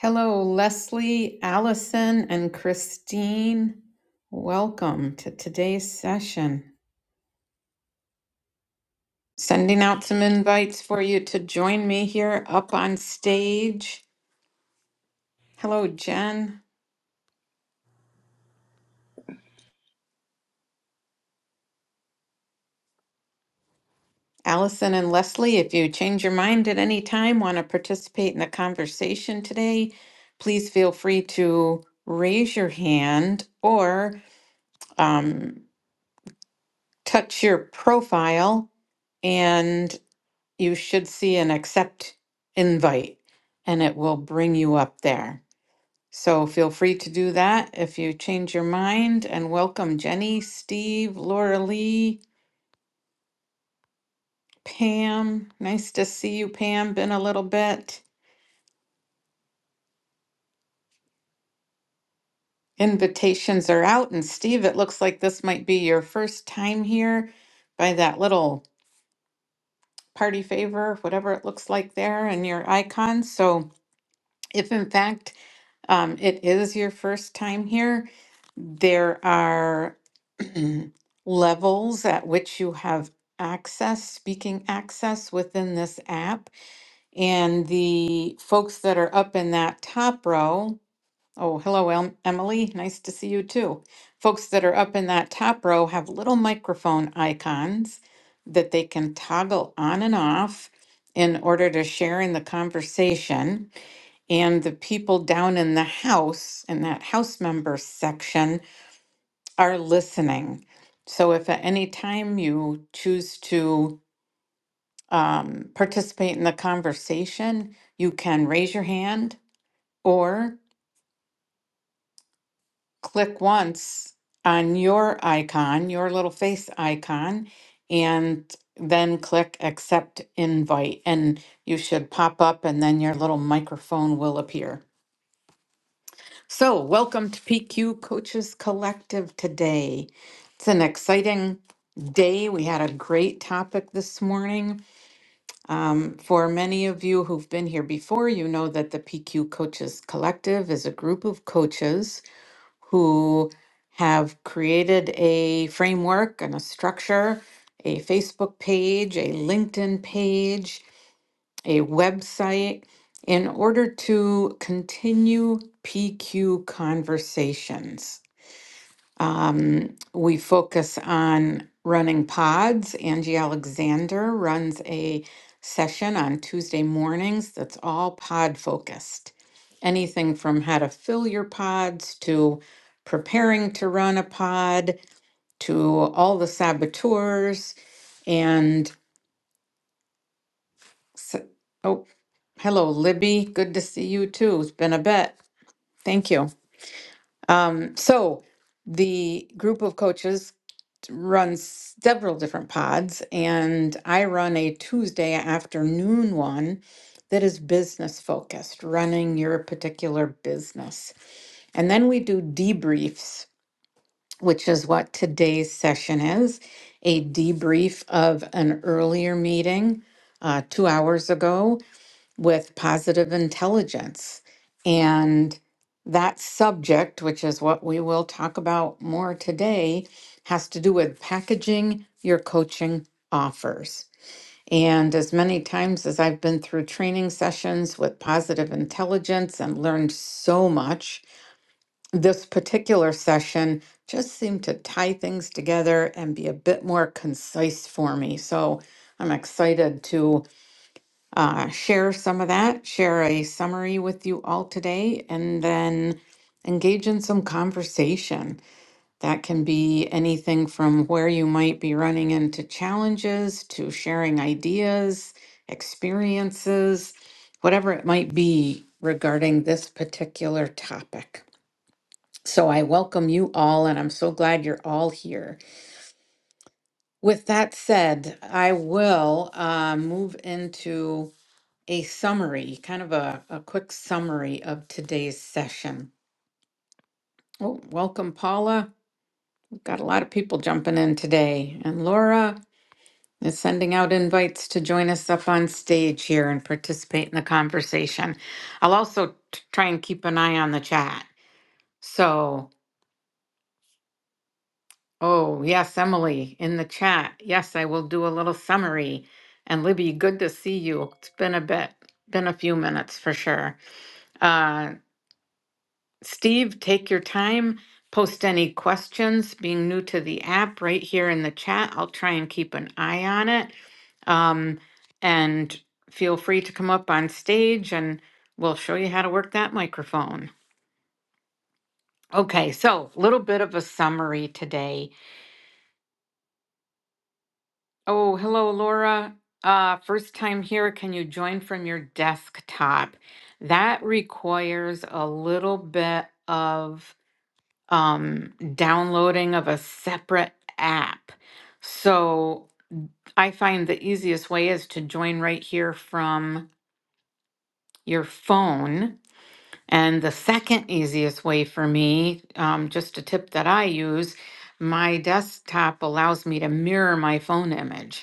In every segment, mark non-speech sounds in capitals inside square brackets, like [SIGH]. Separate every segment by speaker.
Speaker 1: Hello, Leslie, Allison, and Christine. Welcome to today's session. Sending out some invites for you to join me here up on stage. Hello, Jen, Allison, and Leslie. If you change your mind at any time, want to participate in the conversation today, please feel free to raise your hand or um, touch your profile and. you should see an accept invite and it will bring you up there. So feel free to do that if you change your mind and welcome Jenny, Steve, Laura Lee, Pam. Nice to see you, Pam. Been a little bit. Invitations are out. And Steve, it looks like this might be your first time here by that little party favor, whatever it looks like there, and your icon. So if in fact Um, it is your first time here. There are [CLEARS THROAT] levels at which you have access, speaking access within this app. And the folks that are up in that top row, oh, hello, Em- Emily, nice to see you too. Folks that are up in that top row have little microphone icons that they can toggle on and off in order to share in the conversation. And the people down in the house, in that house members section, are listening. So if at any time you choose to um, participate in the conversation, you can raise your hand or click once on your icon, your little face icon, and then click accept invite. And you should pop up, and then your little microphone will appear. So, welcome to PQ Coaches Collective today. It's an exciting day. We had a great topic this morning. Um, for many of you who've been here before, you know that the PQ Coaches Collective is a group of coaches who have created a framework and a structure, a Facebook page, a LinkedIn page, a website in order to continue PQ conversations. Um, we focus on running pods. Angie Alexander runs a session on Tuesday mornings that's all pod focused. Anything from how to fill your pods to preparing to run a pod to all the saboteurs and s- oh. Hello, Libby. Good to see you too. It's been a bit. Thank you. Um, so the group of coaches runs several different pods, and I run a Tuesday afternoon one that is business focused, running your particular business. And then we do debriefs, which is what today's session is, a debrief of an earlier meeting uh, two hours ago with positive intelligence. And that subject, which is what we will talk about more today, has to do with packaging your coaching offers. And as many times as I've been through training sessions with positive intelligence and learned so much, this particular session just seemed to tie things together and be a bit more concise for me. So I'm excited to uh, share some of that, share a summary with you all today, and then engage in some conversation. That can be anything from where you might be running into challenges to sharing ideas, experiences, whatever it might be regarding this particular topic. So I welcome you all, and I'm so glad you're all here. With that said, I will uh, move into a summary, kind of a, a quick summary of today's session. Oh, welcome, Paula. We've got a lot of people jumping in today. And Laura is sending out invites to join us up on stage here and participate in the conversation. I'll also t- try and keep an eye on the chat. So, oh, yes, Emily in the chat. Yes, I will do a little summary. And Libby, good to see you. It's been a bit, been a few minutes for sure. Uh, Steve, take your time. Post any questions. Being new to the app, right here in the chat. I'll try and keep an eye on it. Um, and feel free to come up on stage and we'll show you how to work that microphone. Okay, so a little bit of a summary today. Oh, hello, Laura. Uh, first time here. Can you join from your desktop? That requires a little bit of um, downloading of a separate app. So I find the easiest way is to join right here from your phone. And the second easiest way for me, um, just a tip that I use, my desktop allows me to mirror my phone image.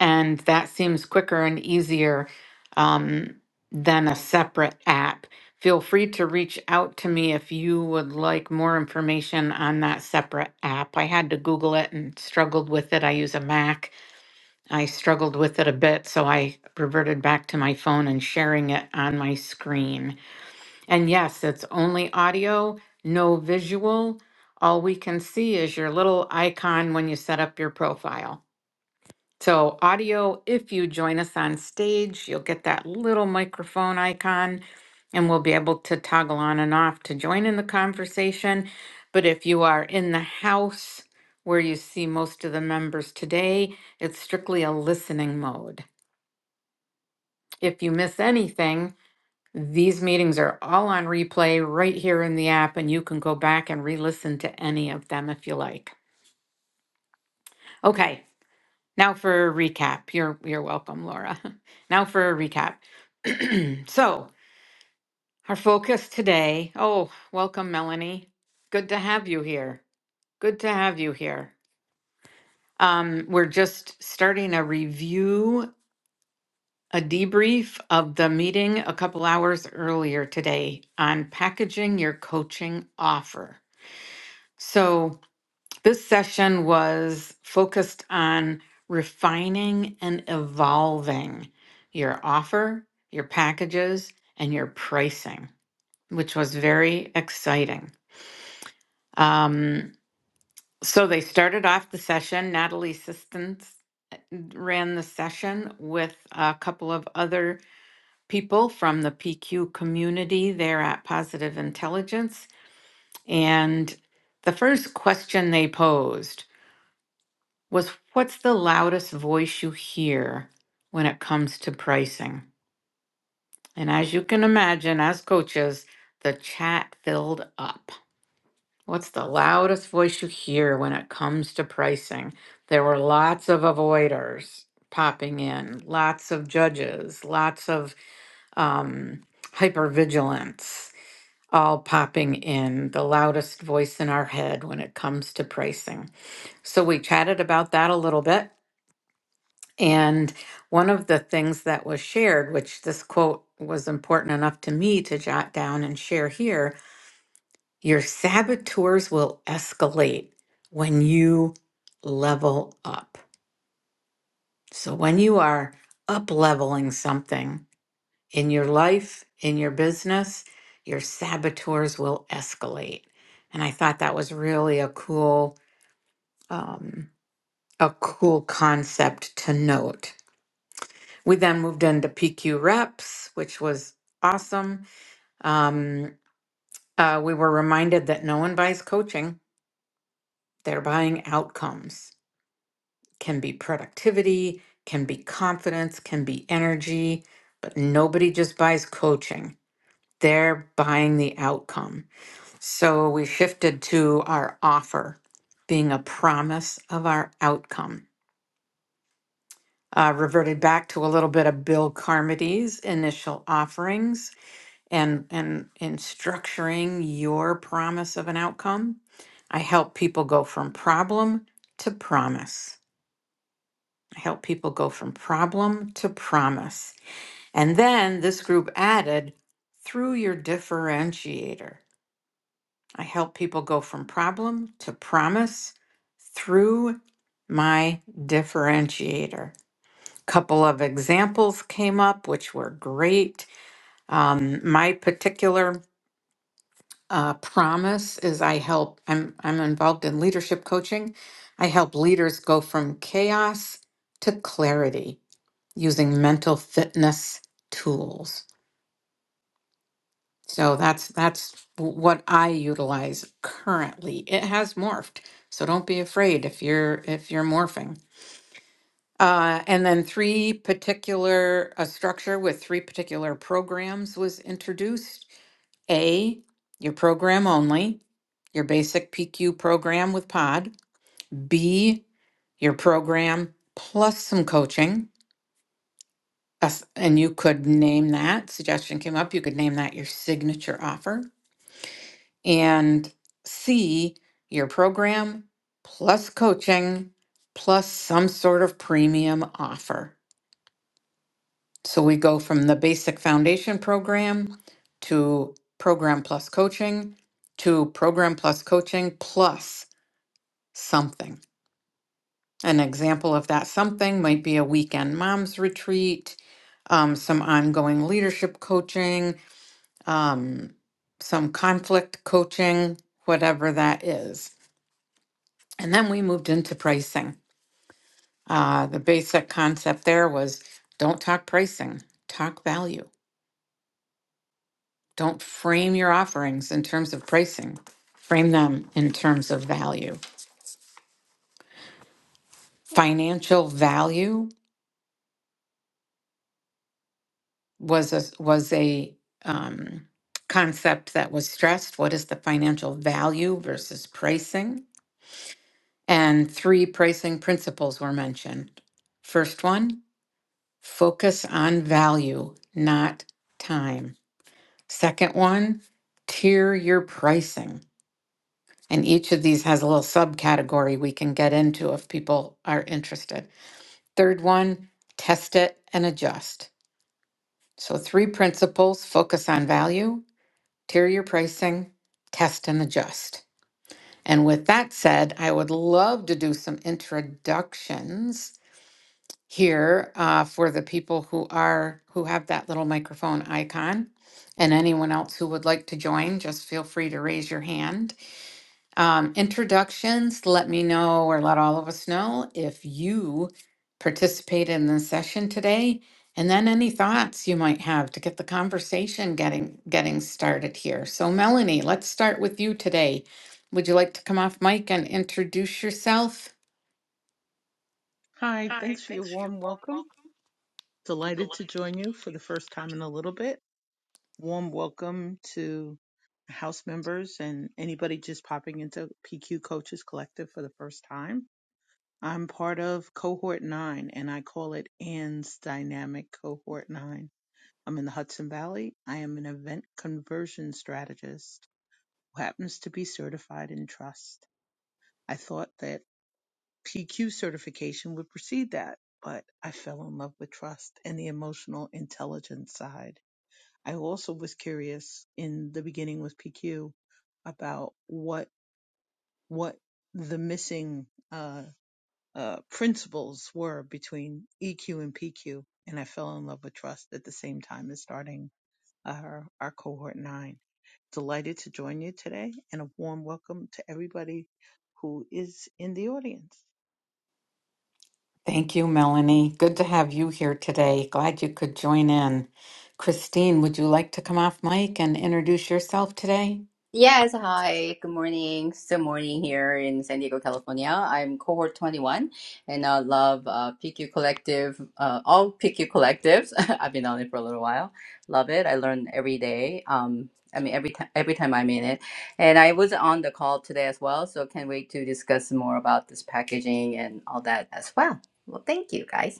Speaker 1: And that seems quicker and easier um, than a separate app. Feel free to reach out to me if you would like more information on that separate app. I had to Google it and struggled with it. I use a Mac. I struggled with it a bit, so I reverted back to my phone and sharing it on my screen. And yes, it's only audio, no visual. All we can see is your little icon when you set up your profile. So, audio, if you join us on stage, you'll get that little microphone icon and we'll be able to toggle on and off to join in the conversation. But if you are in the house where you see most of the members today, it's strictly a listening mode. If you miss anything, these meetings are all on replay right here in the app, and you can go back and re listen to any of them if you like. Okay, now for a recap. You're, you're welcome, Laura. [LAUGHS] Now for a recap. So, our focus today. Oh, welcome, Melanie. Good to have you here. Good to have you here. Um, we're just starting a review, a debrief of the meeting a couple hours earlier today on packaging your coaching offer. So, this session was focused on refining and evolving your offer, your packages, and your pricing, which was very exciting. Um, so they started off the session. Natalie Sistens uh, ran the session with a couple of other people from the PQ community there at Positive Intelligence. And the first question they posed was What's the loudest voice you hear when it comes to pricing? And as you can imagine, as coaches, the chat filled up. What's the loudest voice you hear when it comes to pricing? There were lots of avoiders popping in, lots of judges, lots of um, hypervigilance all popping in, the loudest voice in our head when it comes to pricing. So we chatted about that a little bit. And one of the things that was shared, which this quote was important enough to me to jot down and share here, your saboteurs will escalate when you level up. So, when you are up leveling something in your life, in your business, your saboteurs will escalate. And I thought that was really a cool, um, a cool concept to note. We then moved into PQ reps, which was awesome. Um, uh, we were reminded that no one buys coaching; they're buying outcomes. can be productivity, can be confidence, can be energy, but nobody just buys coaching. They're buying the outcome. So we shifted to our offer being a promise of our outcome. Uh, reverted back to a little bit of Bill Carmody's initial offerings and and in structuring your promise of an outcome. I help people go from problem to promise. I help people go from problem to promise. And then this group added through your differentiator. I help people go from problem to promise through my differentiator. Couple of examples came up, which were great. Um, my particular uh, promise is I help. I'm I'm involved in leadership coaching. I help leaders go from chaos to clarity. using mental fitness tools. So that's that's w- what I utilize currently. It has morphed, so don't be afraid if you're if you're morphing. Uh, and then three particular a structure with three particular programs was introduced. A, your program only, your basic PQ program with Pod. B, your program plus some coaching. That's- and you could name that suggestion came up. You could name that your signature offer and C, your program plus coaching plus some sort of premium offer. So we go from the basic foundation program to program plus coaching to program plus coaching plus something. An example of that something might be a weekend mom's retreat, um, some ongoing leadership coaching, um, some conflict coaching, whatever that is. And then we moved into pricing. Uh, the basic concept there was don't talk pricing, talk value. Don't frame your offerings in terms of pricing, frame them in terms of value. Financial value was a, was a um, concept that was stressed. What is the financial value versus pricing? And three pricing principles were mentioned. First one, focus on value, not time. Second one, tier your pricing. And each of these has a little subcategory we can get into if people are interested. Third one, test it and adjust. So, three principles focus on value, tier your pricing, test and adjust. And with that said, I would love to do some introductions here uh, for the people who are who have that little microphone icon and anyone else who would like to join just feel free to raise your hand um, introductions let me know or let all of us know if you participate in the session today and then any thoughts you might have to get the conversation getting getting started here so melanie let's start with you today would you like to come off mic and introduce yourself
Speaker 2: Hi, thanks for your warm welcome. Delighted to join you for the first time in a little bit. Warm welcome to house members and anybody just popping into PQ Coaches Collective for the first time. I'm part of cohort nine and I call it Ann's Dynamic Cohort Nine. I'm in the Hudson Valley. I am an event conversion strategist who happens to be certified in trust. I thought that PQ certification would precede that, but I fell in love with trust and the emotional intelligence side. I also was curious in the beginning with PQ about what what the missing uh, uh, principles were between EQ and PQ, and I fell in love with trust at the same time as starting our, our cohort nine. Delighted to join you today, and a warm welcome to everybody who is in the audience.
Speaker 1: Thank you, Melanie. Good to have you here today. Glad you could join in. Christine, would you like to come off mic and introduce yourself today?
Speaker 3: Yes, hi, good morning. Still morning here in San Diego, California. I'm cohort 21 and I love uh, PQ Collective, uh, all PQ Collectives. [LAUGHS] I've been on it for a little while. Love it. I learn every day. Um, I mean, every time every time I'm in it. And I was on the call today as well, so can't wait to discuss more about this packaging and all that as well. Well, thank you guys.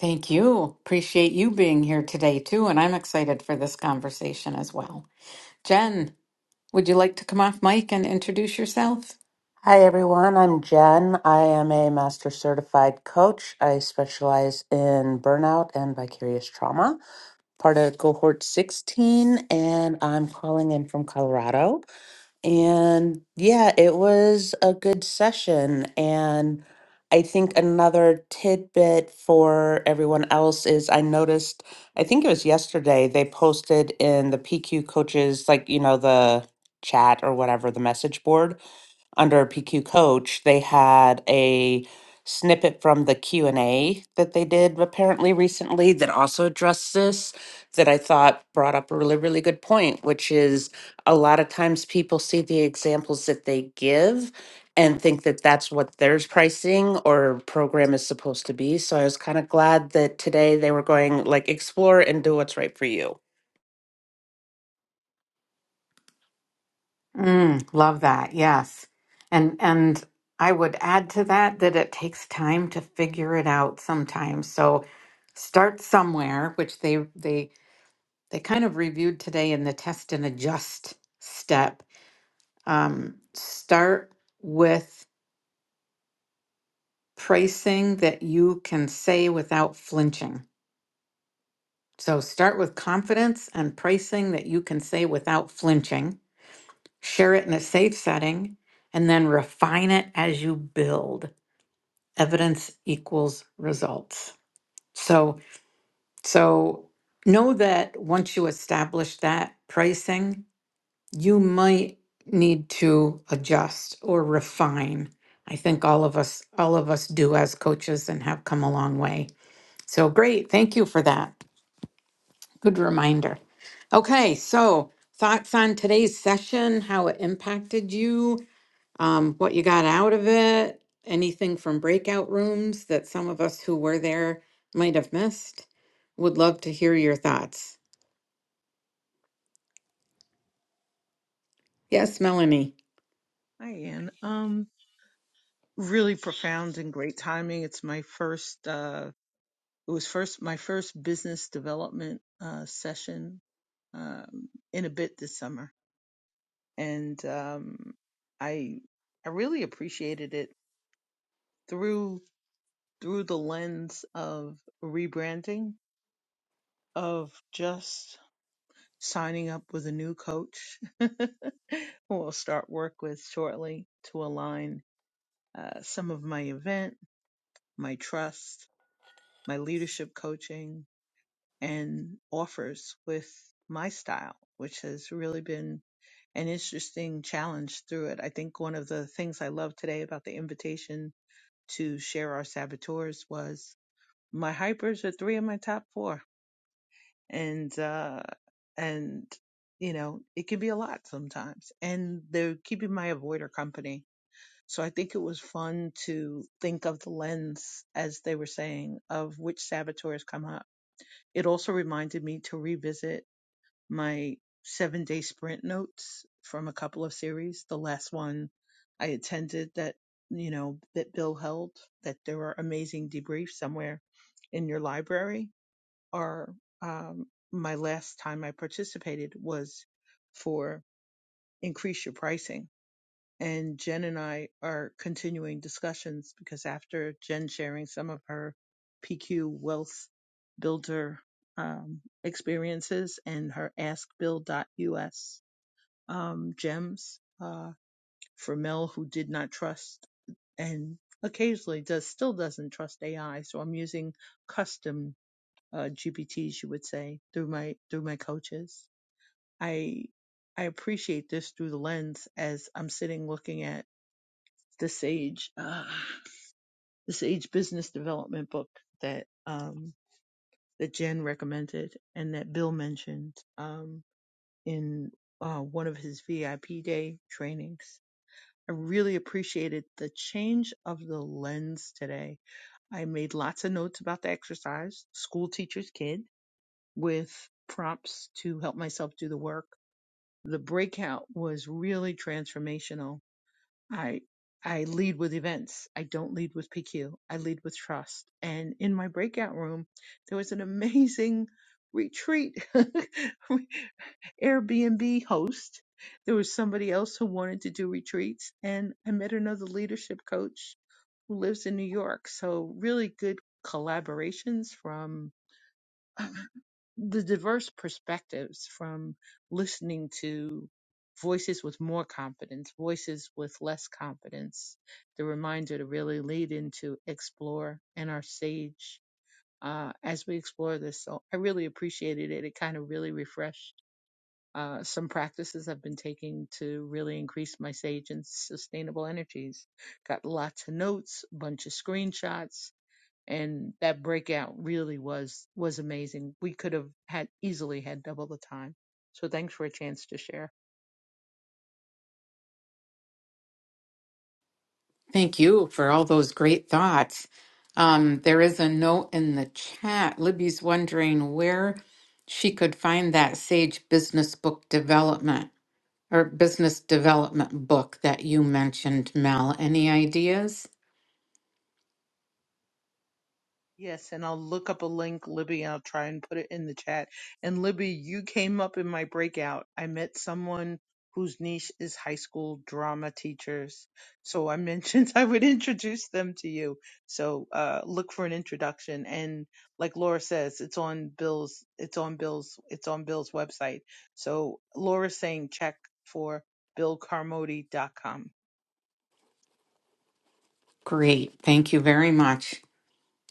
Speaker 1: Thank you. Appreciate you being here today, too. And I'm excited for this conversation as well. Jen, would you like to come off mic and introduce yourself?
Speaker 4: Hi everyone, I'm Jen. I am a master certified coach. I specialize in burnout and vicarious trauma, part of cohort 16, and I'm calling in from Colorado. And yeah, it was a good session. And I think another tidbit for everyone else is I noticed, I think it was yesterday, they posted in the PQ coaches, like, you know, the chat or whatever, the message board under PQ coach, they had a snippet from the Q&A that they did apparently recently that also addressed this that I thought brought up a really really good point, which is a lot of times people see the examples that they give and think that that's what their pricing or program is supposed to be. So I was kind of glad that today they were going like explore and do what's right for you.
Speaker 1: Mm, love that. Yes. And, and, I would add to that that it takes time to figure it out sometimes. So start somewhere, which they they they kind of reviewed today in the test and adjust step. Um, start with pricing that you can say without flinching. So start with confidence and pricing that you can say without flinching. Share it in a safe setting and then refine it as you build. Evidence equals results. So, so know that once you establish that pricing, you might need to adjust or refine. I think all of us all of us do as coaches and have come a long way. So great. Thank you for that. Good reminder. Okay, so thoughts on today's session, how it impacted you, um, what you got out of it, anything from breakout rooms that some of us who were there might have missed. Would love to hear your thoughts. Yes, Melanie.
Speaker 2: Hi, Ann. Um, really profound and great timing. It's my first, uh, it was first my first business development uh, session um, in a bit this summer, and um, I I really appreciated it through through the lens of rebranding of just signing up with a new coach [LAUGHS] who I'll start work with shortly to align uh, some of my event, my trust, my leadership coaching, and offers with my style, which has really been an interesting challenge through it. I think one of the things I love today about the invitation to share our saboteurs was my hypers are three of my top four, and uh, and you know it can be a lot sometimes, and they're keeping my avoider company. So I think it was fun to think of the lens, as they were saying, of which saboteurs come up. It also reminded me to revisit my seven day sprint notes from a couple of series. The last one I attended that, you know, that Bill held, that there were amazing debriefs somewhere in your library, are um, my last time I participated was for increase your pricing and Jen and I are continuing discussions because after Jen sharing some of her PQ Wealth Builder um, experiences and her Ask AskBuild.us um, gems uh, for Mel, who did not trust and occasionally does still doesn't trust AI, so I'm using custom uh, GPTs, you would say, through my through my coaches. I I appreciate this through the lens as I'm sitting looking at the Sage uh, the Sage Business Development book that um, that Jen recommended and that Bill mentioned um, in uh, one of his VIP day trainings. I really appreciated the change of the lens today. I made lots of notes about the exercise, school teacher's kid, with prompts to help myself do the work. The breakout was really transformational I I lead with events. I don't lead with PQ. I lead with trust. And in my breakout room, there was an amazing retreat [LAUGHS] Airbnb host. There was somebody else who wanted to do retreats and I met another leadership coach who lives in New York. So really good collaborations from [SIGHS] the diverse perspectives from listening to voices with more confidence, voices with less confidence, the reminder to really lead into explore and our sage uh, as we explore this. So I really appreciated it. It kind of really refreshed. Uh, some practices I've been taking to really increase my sage and sustainable energies. Got lots of notes, bunch of screenshots, and that breakout really was was amazing. We could have had easily had double the time. So thanks for a chance to share.
Speaker 1: Thank you for all those great thoughts. Um, there is a note in the chat. Libby's wondering where she could find that Sage Business Book Development or Business Development book that you mentioned, Mel. Any ideas?
Speaker 2: Yes, and I'll look up a link, Libby, and I'll try and put it in the chat. And Libby, you came up in my breakout. I met someone whose niche is high school drama teachers. So I mentioned [LAUGHS] I would introduce them to you. So uh, look for an introduction. And like Laura says, it's on Bill's it's on Bill's it's on Bill's website. So Laura's saying check for BillCarmody.com.
Speaker 1: Great. Thank you very much.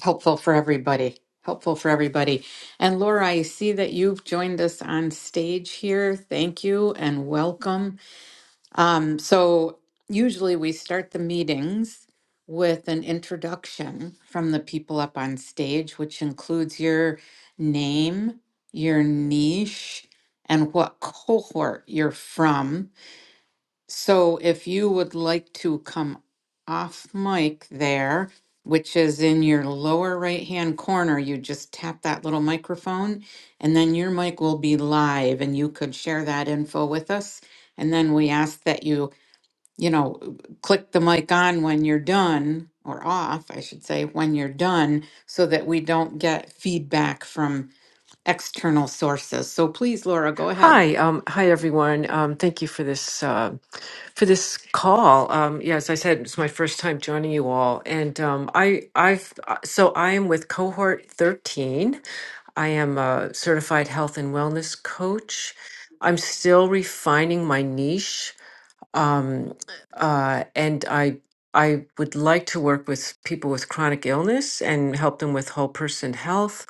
Speaker 1: Helpful for everybody. Helpful for everybody. And Laura, I see that you've joined us on stage here. Thank you and welcome. Um, so usually we start the meetings with an introduction from the people up on stage, which includes your name, your niche, and what cohort you're from. So if you would like to come off mic there, which is in your lower right hand corner, you just tap that little microphone and then your mic will be live and you could share that info with us. And then we ask that you you know, click the mic on when you're done, or off, I should say, when you're done, so that we don't get feedback from external sources. So please, Laura, go ahead.
Speaker 5: Hi, um, hi everyone. Um, thank you for this uh, for this call. Um, yeah, as I said, it's my first time joining you all, and um, I I so I am with cohort thirteen. I am a certified health and wellness coach. I'm still refining my niche um, uh, and I I would like to work with people with chronic illness and help them with whole person health.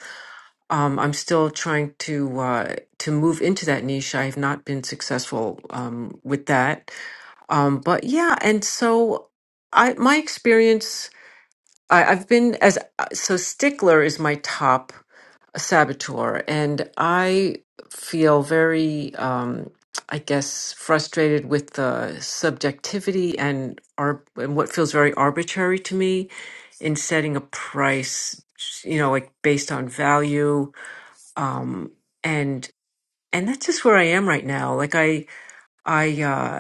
Speaker 5: Um, I'm still trying to uh, to move into that niche. I have not been successful um, with that, um, but yeah, and so I my experience. I, I've been as uh, so Stickler is my top a saboteur, and I feel very, um, I guess, frustrated with the subjectivity and, ar- and what feels very arbitrary to me in setting a price, you know, like based on value, um, and and that's just where I am right now. Like I, I. uh,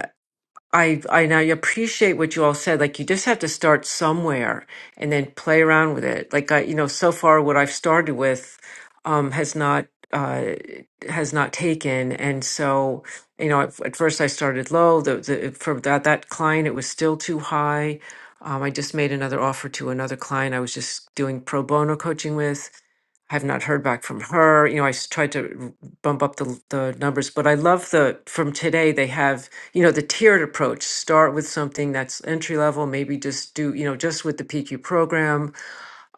Speaker 5: I and I appreciate what you all said. Like you just have to start somewhere and then play around with it. Like I, you know, so far what I've started with um, has not uh, has not taken, and so you know, at, at first I started low. The, the for that that client, it was still too high. Um, I just made another offer to another client I was just doing pro bono coaching with, I've not heard back from her. You know, I s- tried to r- bump up the, the numbers, but I love the from today they have, you know, the tiered approach. Start with something that's entry level, maybe just do, you know, just with the PQ program,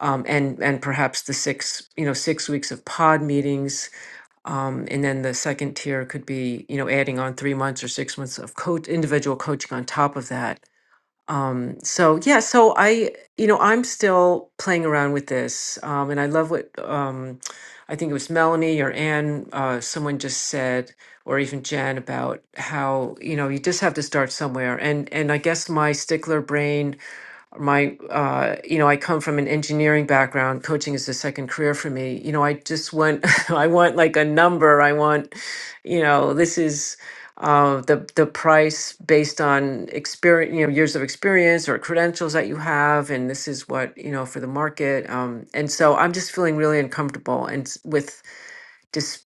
Speaker 5: um, and and perhaps the six, you know, six weeks of pod meetings. Um, and then the second tier could be, you know, adding on three months or six months of coach individual coaching on top of that um so yeah so i you know i'm still playing around with this um and i love what um i think it was melanie or anne uh someone just said or even jen about how you know you just have to start somewhere and and i guess my stickler brain my uh, you know i come from an engineering background coaching is a second career for me you know i just want [LAUGHS] i want like a number i want you know this is uh, the the price based on experience you know years of experience or credentials that you have and this is what you know for the market um, and so i'm just feeling really uncomfortable and s- with just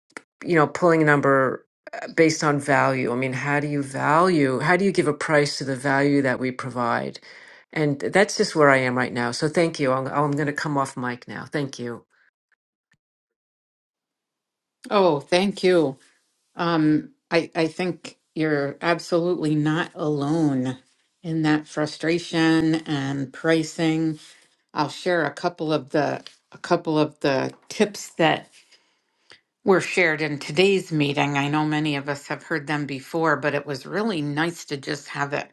Speaker 5: you know pulling a number uh, based on value i mean how do you value how do you give a price to the value that we provide and that's just where I am right now. So thank you. I'm, I'm going to come off mic now. Thank you.
Speaker 1: Oh, thank you. Um, I, I think you're absolutely not alone in that frustration and pricing. I'll share a couple of the a couple of the tips that. were shared in today's meeting. I know many of us have heard them before, but it was really nice to just have it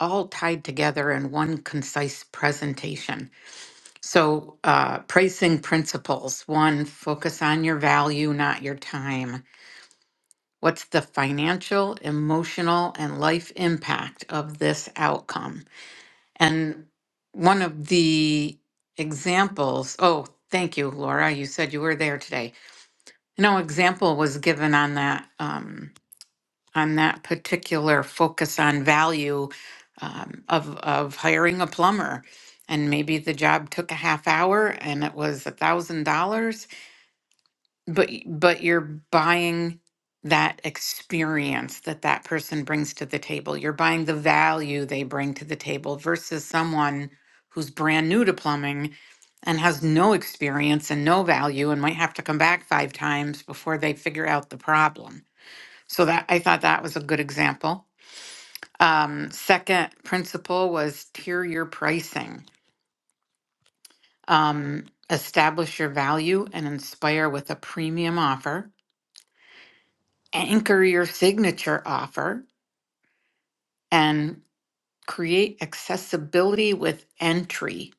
Speaker 1: all tied together in one concise presentation. So, uh, pricing principles one, focus on your value, not your time. What's the financial, emotional, and life impact of this outcome? And one of the examples, oh, thank you, Laura. You said you were there today. No example was given on that. Um, on that particular focus on value um, of of hiring a plumber and maybe the job took a half hour and it was a thousand dollars but y- but you're buying that experience that that person brings to the table you're buying the value they bring to the table versus someone who's brand new to plumbing and has no experience and no value and might have to come back five times before they figure out the problem so that i thought that was a good example um, second principle was tier your pricing. Um, establish your value and inspire with a premium offer. Anchor your signature offer and create accessibility with entry.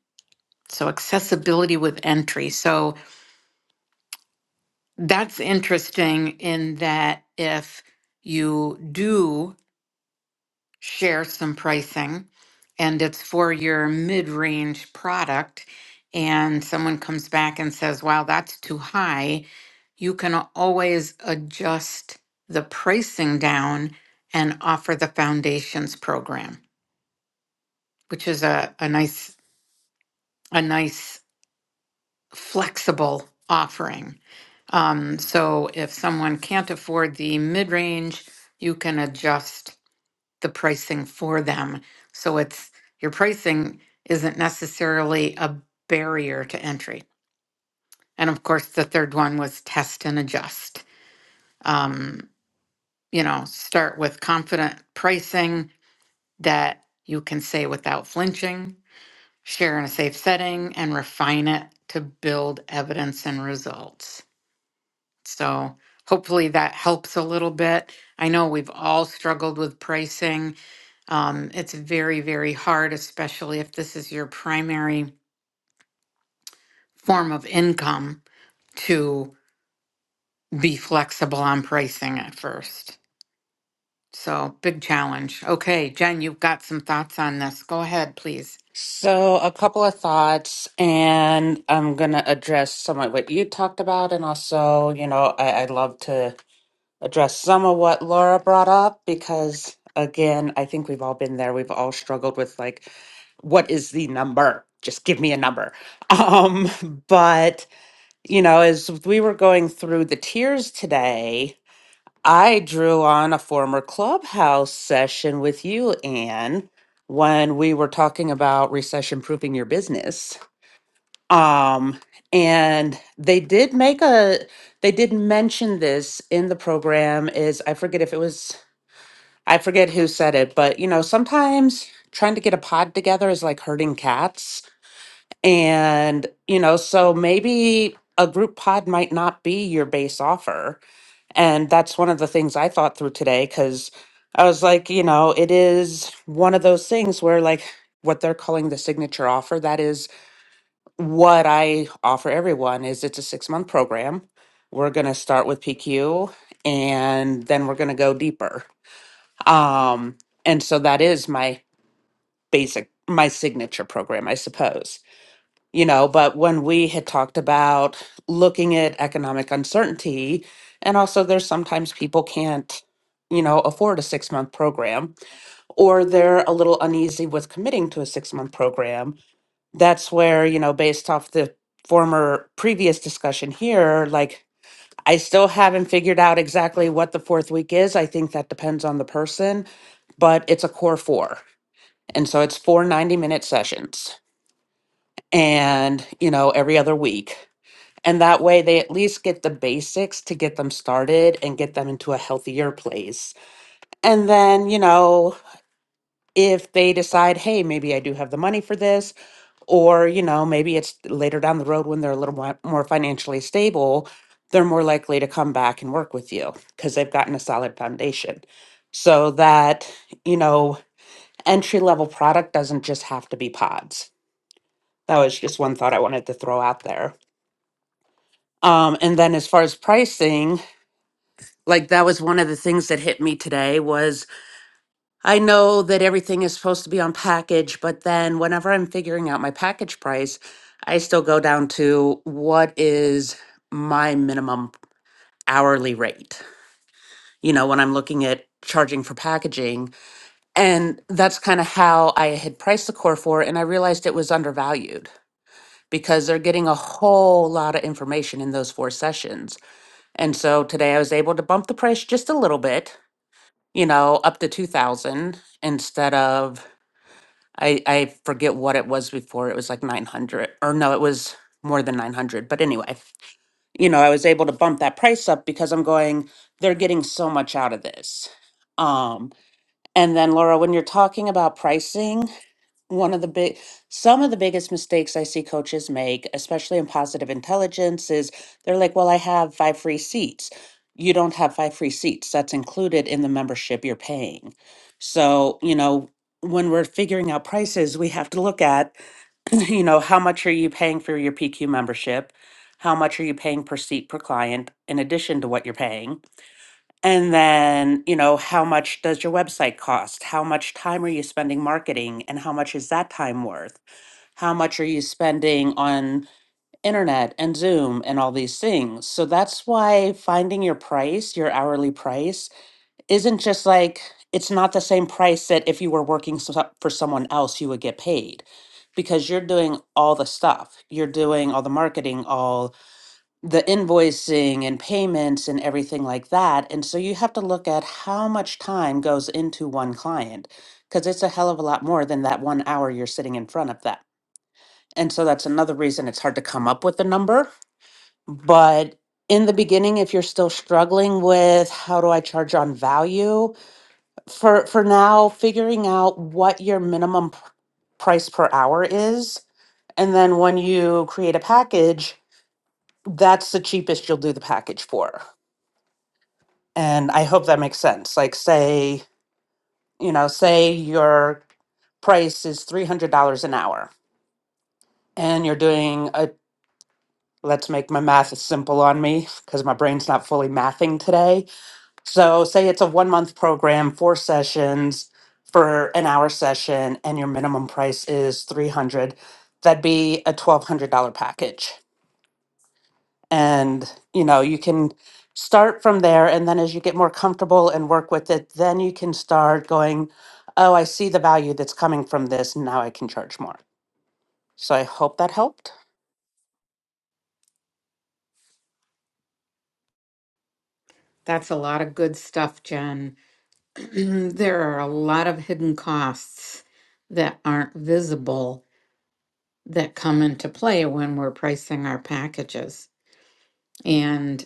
Speaker 1: So, accessibility with entry. So, that's interesting in that if you do share some pricing and it's for your mid-range product and someone comes back and says wow that's too high you can always adjust the pricing down and offer the foundations program which is a, a nice a nice flexible offering um, so if someone can't afford the mid-range you can adjust the pricing for them. So it's your pricing isn't necessarily a barrier to entry. And of course, the third one was test and adjust. Um, you know, start with confident pricing that you can say without flinching, share in a safe setting, and refine it to build evidence and results. So hopefully that helps a little bit. I know we've all struggled with pricing Um, it's very, very hard, especially if this is your primary form of income, to be flexible on pricing at first. So, big challenge. Okay, Jen, you've got some thoughts on this. Go ahead, please.
Speaker 4: So, a couple of thoughts, and I'm going to address some of what you talked about. And also, you know, I, I'd love to address some of what Laura brought up because, again, I think we've all been there. We've all struggled with, like, what is the number? Just give me a number. [LAUGHS] Um, but, you know, as we were going through the tiers today, I drew on a former clubhouse session with you, Anne, when we were talking about recession proofing your business. Um, and they did make a, they did mention this in the program. Is I forget if it was, I forget who said it, but you know, sometimes trying to get a pod together is like herding cats. And, you know, so maybe a group pod might not be your base offer and that's one of the things I thought through today because I was like, you know, it is one of those things where like what they're calling the signature offer, that is what I offer everyone is it's a six month program. We're gonna start with PQ and then we're gonna go deeper. Um, and so that is my basic my signature program, I suppose you know, but when we had talked about looking at economic uncertainty, and also there's sometimes people can't, you know, afford a six month program or they're a little uneasy with committing to a six month program. That's where, you know, based off the former previous discussion here, like I still haven't figured out exactly what the fourth week is. I think that depends on the person, but it's a core four. And so it's four ninety minute sessions and, you know, every other week. And that way, they at least get the basics to get them started and get them into a healthier place. And then, you know, if they decide, hey, maybe I do have the money for this, or, you know, maybe it's later down the road when they're a little mo- more financially stable, they're more likely to come back and work with you because they've gotten a solid foundation. So that, you know, entry level product doesn't just have to be pods. That was just one thought I wanted to throw out there. Um, and then as far as pricing, like that was one of the things that hit me today was I know that everything is supposed to be on package, but then whenever I'm figuring out my package price, I still go down to what is my minimum hourly rate. You know, when I'm looking at charging for packaging, and that's kind of how I had priced the core for, and I realized it was undervalued because they're getting a whole lot of information in those four sessions. And so today I was able to bump the price just a little bit you know, up to 2000 instead of, I, I forget what it was before. It was like 900 or no, it was more than 900. But anyway, you know, I was able to bump that price up because I'm going, they're getting so much out of this. Um, and then Laura, when you're talking about pricing, one of the big some of the biggest mistakes i see coaches make especially in positive intelligence is they're like well i have five free seats you don't have five free seats that's included in the membership you're paying so you know when we're figuring out prices we have to look at [CLEARS THROAT] you know how much are you paying for your pq membership how much are you paying per seat per client in addition to what you're paying and then, you know, how much does your website cost? How much time are you spending marketing? And how much is that time worth? How much are you spending on internet and Zoom and all these things? So that's why finding your price, your hourly price, isn't just like, it's not the same price that if you were working so- for someone else, you would get paid because you're doing all the stuff. You're doing all the marketing, all the invoicing and payments and everything like that. And so you have to look at how much time goes into one client because it's a hell of a lot more than that one hour you're sitting in front of them. And so that's another reason it's hard to come up with a number. But in the beginning, if you're still struggling with how do I charge on value, for, for now, figuring out what your minimum pr- price per hour is. And then when you create a package, that's the cheapest you'll do the package for. And I hope that makes sense. Like, say, you know, say your price is $300 an hour and you're doing a, let's make my math simple on me because my brain's not fully mathing today. So, say it's a one month program, four sessions for an hour session, and your minimum price is 300 that'd be a $1,200 package and you know you can start from there and then as you get more comfortable and work with it then you can start going oh i see the value that's coming from this now i can charge more so i hope that helped
Speaker 1: That's a lot of good stuff, Jen. [CLEARS THROAT] there are a lot of hidden costs that aren't visible that come into play when we're pricing our packages. And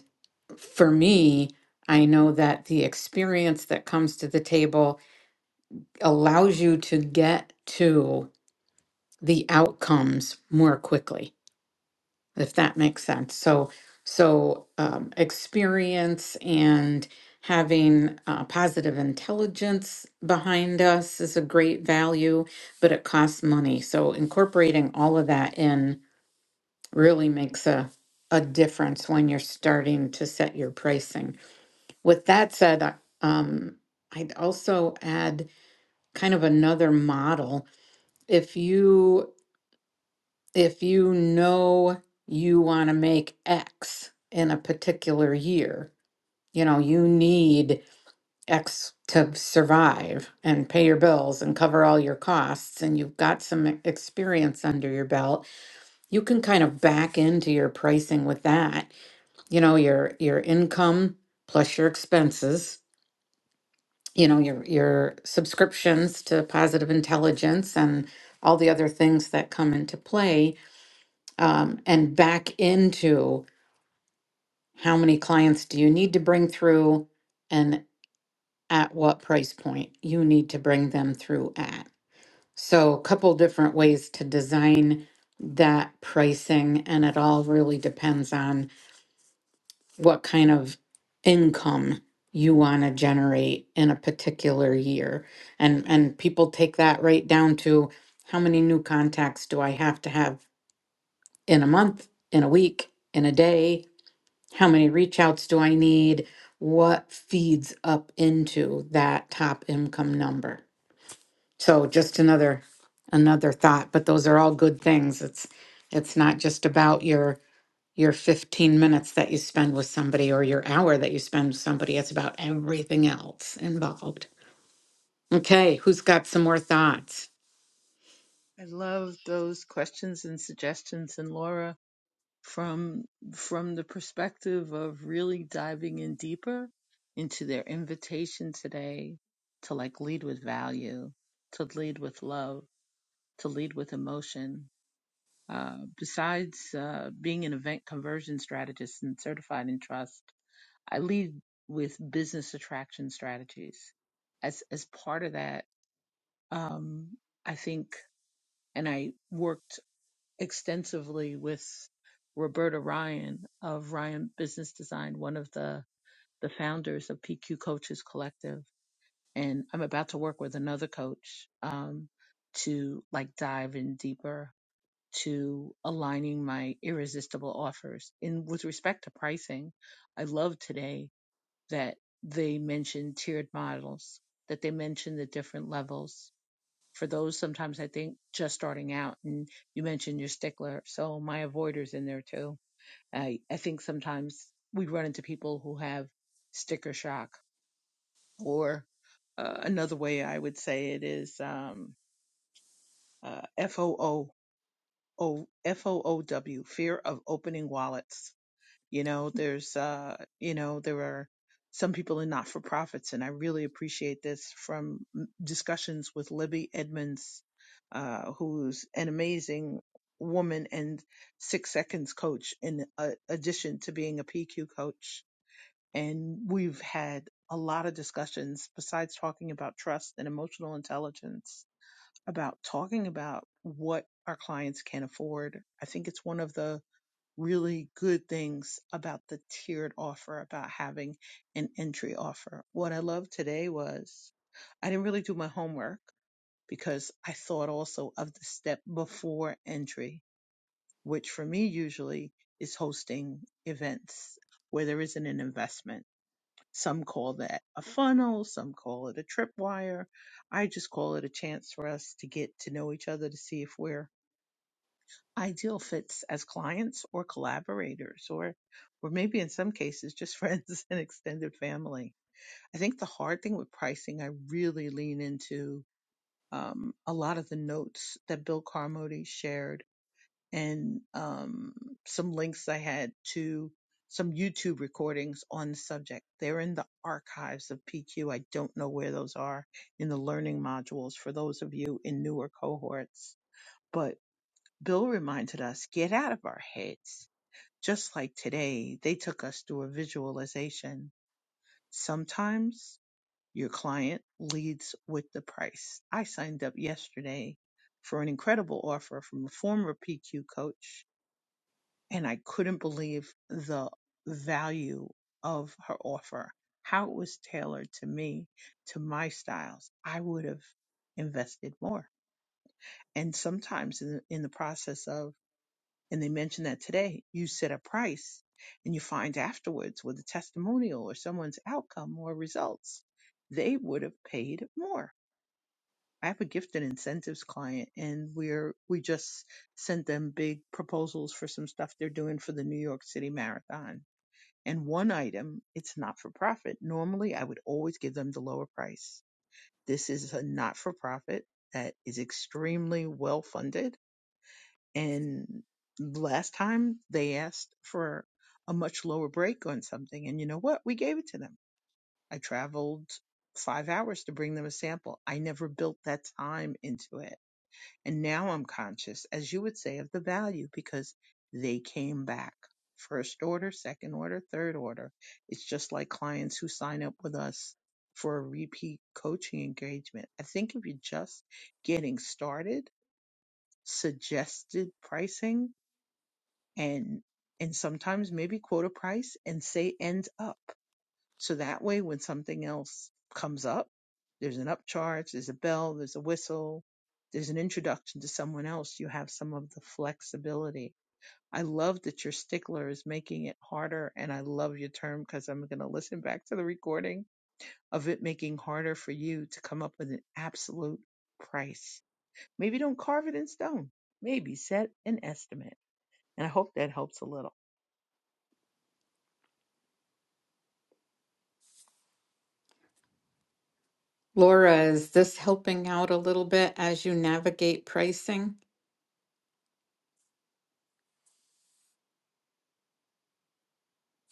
Speaker 1: for me, I know that the experience that comes to the table allows you to get to the outcomes more quickly, if that makes sense. So, so um, experience and having uh, positive intelligence behind us is a great value, but it costs money. So incorporating all of that in really makes a, a difference when you're starting to set your pricing. With that said, I- um, I'd also add kind of another model. If you if you know you want to make X in a particular year, you know, you need X to survive and pay your bills and cover all your costs, and you've got some experience under your belt, you can kind of back into your pricing with that you know your your income plus your expenses you know your your subscriptions to positive intelligence and all the other things that come into play um, and back into how many clients do you need to bring through and at what price point you need to bring them through at so a couple different ways to design that pricing and it all really depends on what kind of income you want to generate in a particular year. And and people take that right down to how many new contacts do I have to have in a month, in a week, in a day? How many reach outs do I need? What feeds up into that top income number? So just another another thought, but those are all good things. It's it's not just about your your 15 minutes that you spend with somebody or your hour that you spend with somebody. It's about everything else involved. Okay, who's got some more thoughts?
Speaker 2: I love those questions and suggestions and Laura. from from the perspective of really diving in deeper into their invitation today to like lead with value to lead with love to lead with emotion uh, besides uh, being an event conversion strategist and certified in trust i lead with business attraction strategies as as part of that um, i think and i worked extensively with Roberta Ryan of Ryan Business Design, one of the the founders of PQ Coaches Collective, and I'm about to work with another coach um, to like dive in deeper to aligning my irresistible offers. And with respect to pricing, I love today that they mentioned tiered models, that they mentioned the different levels for those sometimes I think just starting out. And you mentioned your stickler, so my avoiders in there too. I I think sometimes we run into people who have sticker shock, or uh, another way I would say it is um, uh, FOO. fear of opening wallets. You know, there's, uh, you know, there are some people in not for profits, and I really appreciate this from m- discussions with Libby Edmonds, uh, who's an amazing woman and six seconds coach in uh, addition to being a PQ coach. And we've had a lot of discussions besides talking about trust and emotional intelligence about talking about what our clients can afford. I think it's one of the really good things about the tiered offer, about having an entry offer. What I loved today was I didn't really do my homework because I thought also of the step before entry, which for me usually is hosting events where there isn't an investment. Some call that a funnel, some call it a tripwire. I just call it a chance for us to get to know each other to see if we're ideal fits as clients or collaborators or or maybe in some cases just [LAUGHS] friends and extended family i think the hard thing with pricing i really lean into um, a lot of the notes that bill carmody shared and um, some links i had to some youtube recordings on the subject they're in the archives of pq i don't know where those are in the learning modules for those of you in newer cohorts but Bill reminded us, get out of our heads. Just like today, they took us through a visualization. Sometimes your client leads with the price. I signed up yesterday for an incredible offer from a former PQ coach, and I couldn't believe the value of her offer, how it was tailored to me, to my styles. I would have invested more. And sometimes in, in the process of And they mentioned that today you set a price and you find afterwards with a testimonial or someone's outcome or results, they would have paid more. I have a gifted incentives client and we're, we just sent them big proposals for some stuff they're doing for the New York City Marathon. And one item, it's not for profit. Normally I would always give them the lower price. This is a not for profit that is extremely well funded and last time they asked for a much lower break on something. And you know what? We gave it to them. I traveled five hours to bring them a sample. I never built that time into it. And now I'm conscious, as you would say, of the value because they came back. First order, second order, third order. It's just like clients who sign up with us for a repeat coaching engagement. I think if you're just getting started, suggested pricing and and sometimes maybe quote a price and say ends up so that way when something else comes up there's an upcharge there's a bell there's a whistle there's an introduction to someone else you have some of the flexibility i love that your stickler is making it harder and i love your term because i'm going to listen back to the recording of it making harder for you to come up with an absolute price maybe don't carve it in stone maybe set an estimate and i hope that helps a little
Speaker 1: Laura, is this helping out a little bit as you navigate pricing?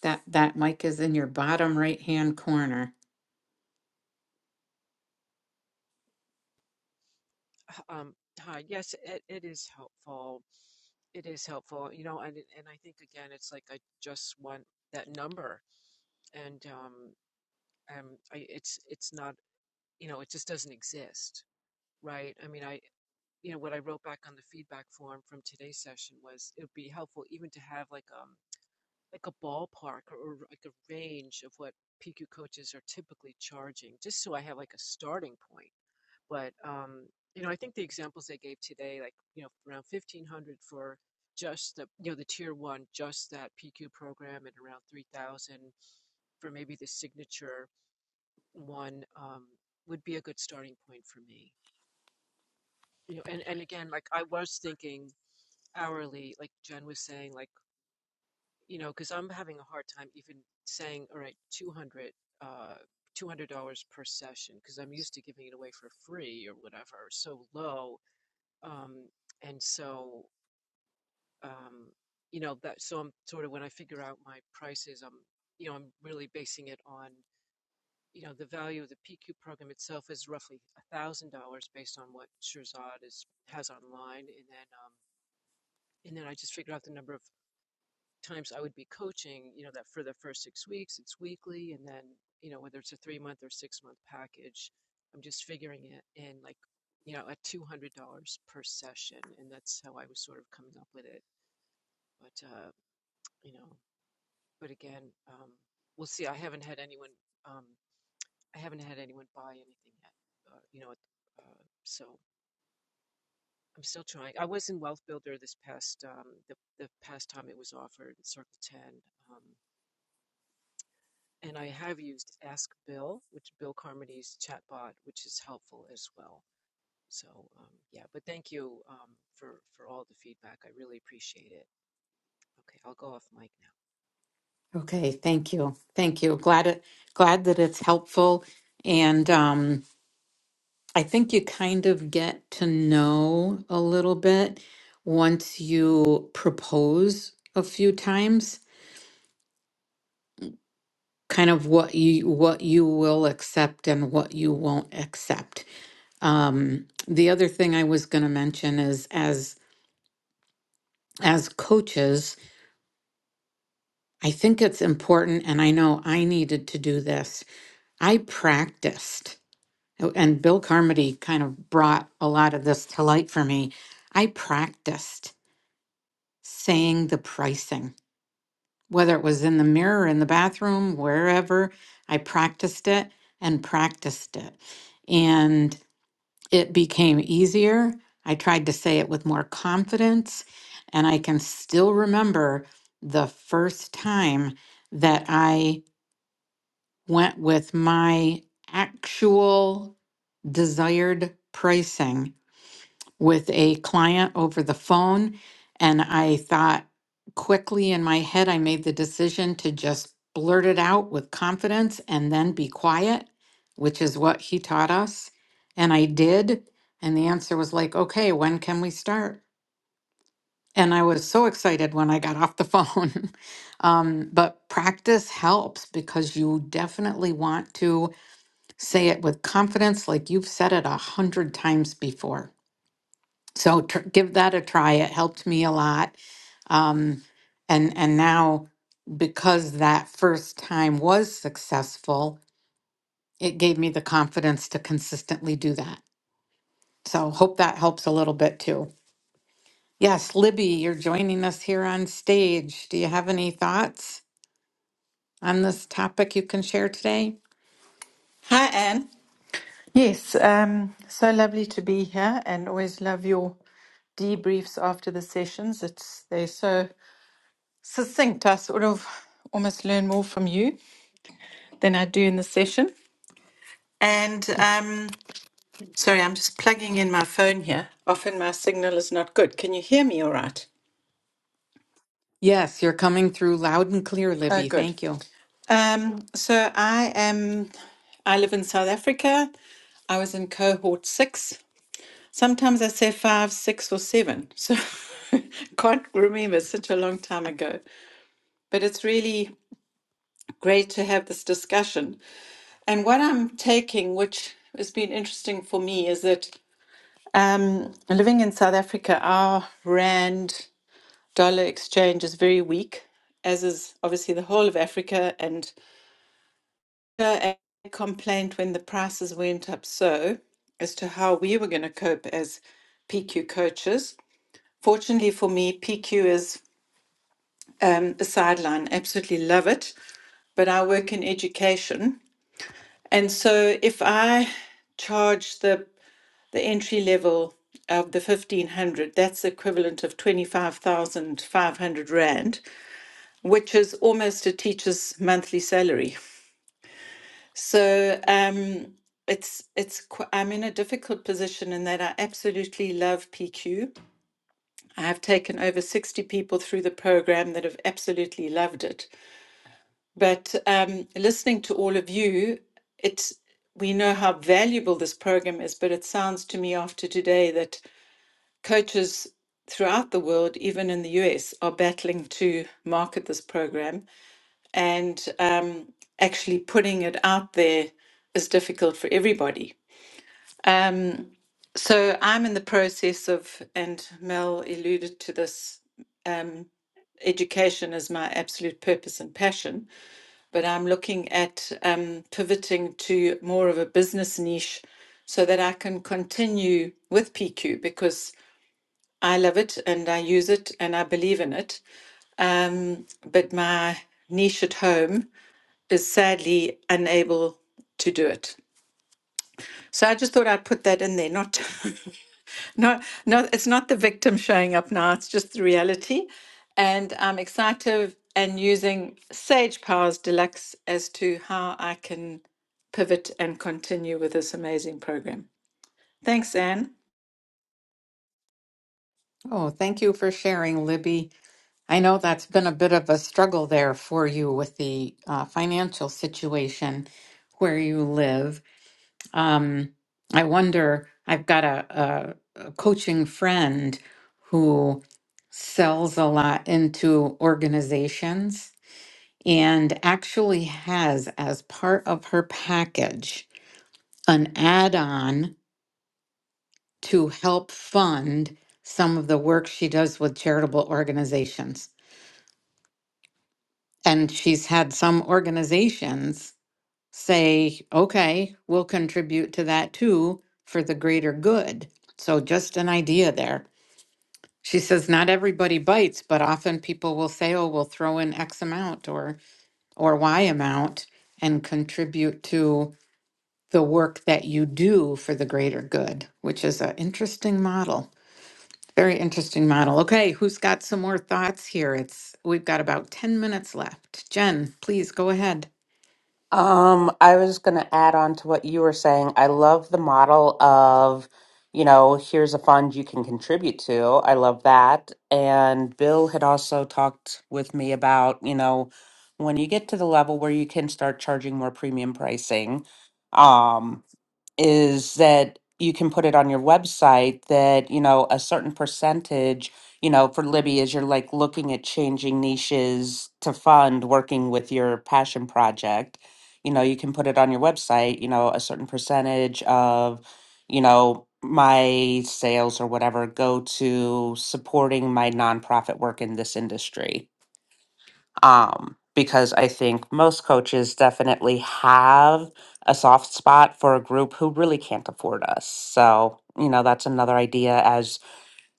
Speaker 1: That that mic is in your bottom right hand corner.
Speaker 5: Um, hi. Yes, it, it is helpful. It is helpful. You know, and it- and I think again, it's like I just want that number, and um, um, I, it's it's not, you know, it just doesn't exist, right? I mean, I, you know, what I wrote back on the feedback form from today's session was it would be helpful even to have like um, like a ballpark or, or like a range of what PQ coaches are typically charging, just so I have like a starting point. But um, you know, I think the examples they gave today, like you know, around fifteen hundred for just the you know the tier one, just that PQ program, and around three thousand for maybe the signature one um, would be a good starting point for me. You know, and and again, like I was thinking hourly, like Jen was saying, like you know, because I'm having a hard time even saying, all right, 200, uh, $200 per session, because I'm used to giving it away for free or whatever, or so low. Um, and so, um, you know, that, so I'm sort of, when I figure out my prices, I'm, you know, I'm really basing it on, you know, the value of the PQ program itself is roughly $1,000 based on what Shirzad is, has online. And then, um, and then I just figure out the number of times I would be coaching, you know, that for the first six weeks, it's weekly. And then, you know, whether it's a three month or six month package, I'm just figuring it in like, you know, at $200 per session. And that's how I was sort of coming up with it. But, uh, you know, but again, um, we'll see. I haven't had anyone, um, I haven't had anyone buy anything yet, uh, you know, uh, so I'm still trying. I was in Wealth Builder this past, um, the, the past time it was offered, Circle 10. Um, And I have used Ask Bill, which Bill Carmody's chatbot, which is helpful as well. So um, yeah, but thank you um, for for all the feedback. I really appreciate it. Okay, I'll go off mic.
Speaker 1: Okay, thank you. Thank you. Glad it glad that it's helpful. And um, I think you kind of get to know a little bit once you propose a few times kind of what you what you will accept and what you won't accept. Um, the other thing I was going to mention is as as coaches, I think it's important, and I know I needed to do this. I practiced, and Bill Carmody kind of brought a lot of this to light for me. I practiced saying the pricing, whether it was in the mirror, in the bathroom, wherever. I practiced it and practiced it. And it became easier. I tried to say it with more confidence. And I can still remember the first time that I went with my actual desired pricing with a client over the phone. And I thought quickly in my head, I made the decision to just blurt it out with confidence and then be quiet, which is what he taught us. And I did. And the answer was like, okay, when can we start? And I was so excited when I got off the phone. [LAUGHS] um, but practice helps because you definitely want to say it with confidence, like you've said it a hundred times before so tr- give that a try it helped me a lot um, and and now because that first time was successful it gave me the confidence to consistently do that so hope that helps a little bit too yes libby you're joining us here on stage do you have any thoughts on this topic you can share today
Speaker 6: Hi, Anne. Yes, um, so lovely to be here and always love your debriefs after the sessions. It's they're so succinct. I sort of almost learn more from you than I do in the session. And um, sorry, I'm just plugging in my phone here. Often my signal is not good. Can you hear me all right?
Speaker 1: yes you're coming through loud and clear
Speaker 6: Oh,
Speaker 1: libby
Speaker 6: good.
Speaker 1: thank you
Speaker 6: Um, so I am I live in South Africa. I was in cohort six Sometimes I say five, six, or seven. So [LAUGHS] can't remember it's such a long time ago. But it's really great to have this discussion. And what I'm taking, which has been interesting for me, is that um, living in South Africa, our rand dollar exchange is very weak, as is obviously the whole of Africa. And a complaint when the prices went up so as to how we were going to cope as PQ coaches. Fortunately for me, PQ is um, a sideline. Absolutely love it. But I work in education. And so if I charge the the entry level of the 1500 that's equivalent of 25500 rand which is almost a teacher's monthly salary so um it's it's i'm in a difficult position in that i absolutely love pq I have taken over 60 people through the program that have absolutely loved it. But um, listening to all of you, it's we know how valuable this program is, but it sounds to me after today that coaches throughout the world, even in the US, are battling to market this program and um, actually putting it out there is difficult for everybody. Um, so I'm in the process of, and Mel alluded to this education is my absolute purpose and passion, but I'm looking at um, pivoting to more of a business niche so that I can continue with PQ because I love it and I use it and I believe in it. Um, but my niche at home is sadly unable to do it. So I just thought I'd put that in there, not [LAUGHS] No, no, it's not the victim showing up now. It's just the reality. And I'm excited and using Sage Powers Deluxe as to how I can pivot and continue with this amazing program. Thanks, Anne.
Speaker 1: oh thank you for sharing libby I know that's been a bit of a struggle there for you with the uh, financial situation where you live. Um, I wonder, I've got a, a, a coaching friend who sells a lot into organizations and actually has, as part of her package, an add on to help fund some of the work she does with charitable organizations. And she's had some organizations say, okay, we'll contribute to that too for the greater good. So just an idea there. She says not everybody bites, but often people will say, oh, we'll throw in X amount or or Y amount and contribute to the work that you do for the greater good, which is an interesting model. Very interesting model. Okay, who's got some more thoughts here? It's we've got about 10 minutes left. Jen, please go ahead.
Speaker 4: um i was going to add on to what you were saying i love the model of you know here's a fund you can contribute to i love that and bill had also talked with me about you know when you get to the level where you can start charging more premium pricing um is that you can put it on your website that you know a certain percentage you know for libby is you're like looking at changing niches to fund working with your passion project you know you can put it on your website you know a certain percentage of you know my sales or whatever go to supporting my nonprofit work in this industry um, because I think most coaches definitely have a soft spot for a group who really can't afford us. So, you know, that's another idea as,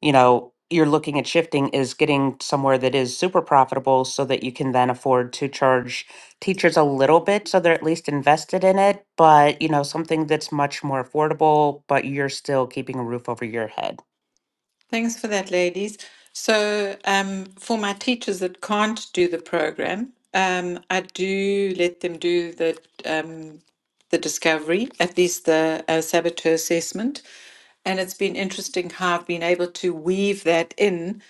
Speaker 4: you know, you're looking at shifting is getting somewhere that is super profitable so that you can then afford to charge teachers a little bit so they're at least invested in it, but, you know, something that's much more affordable, but you're still keeping a roof over your head.
Speaker 6: Thanks for that, ladies. So, um, for my teachers that can't do the program, um, I do let them do the um, the discovery, at least the uh, saboteur assessment. And it's been interesting how I've been able to weave that in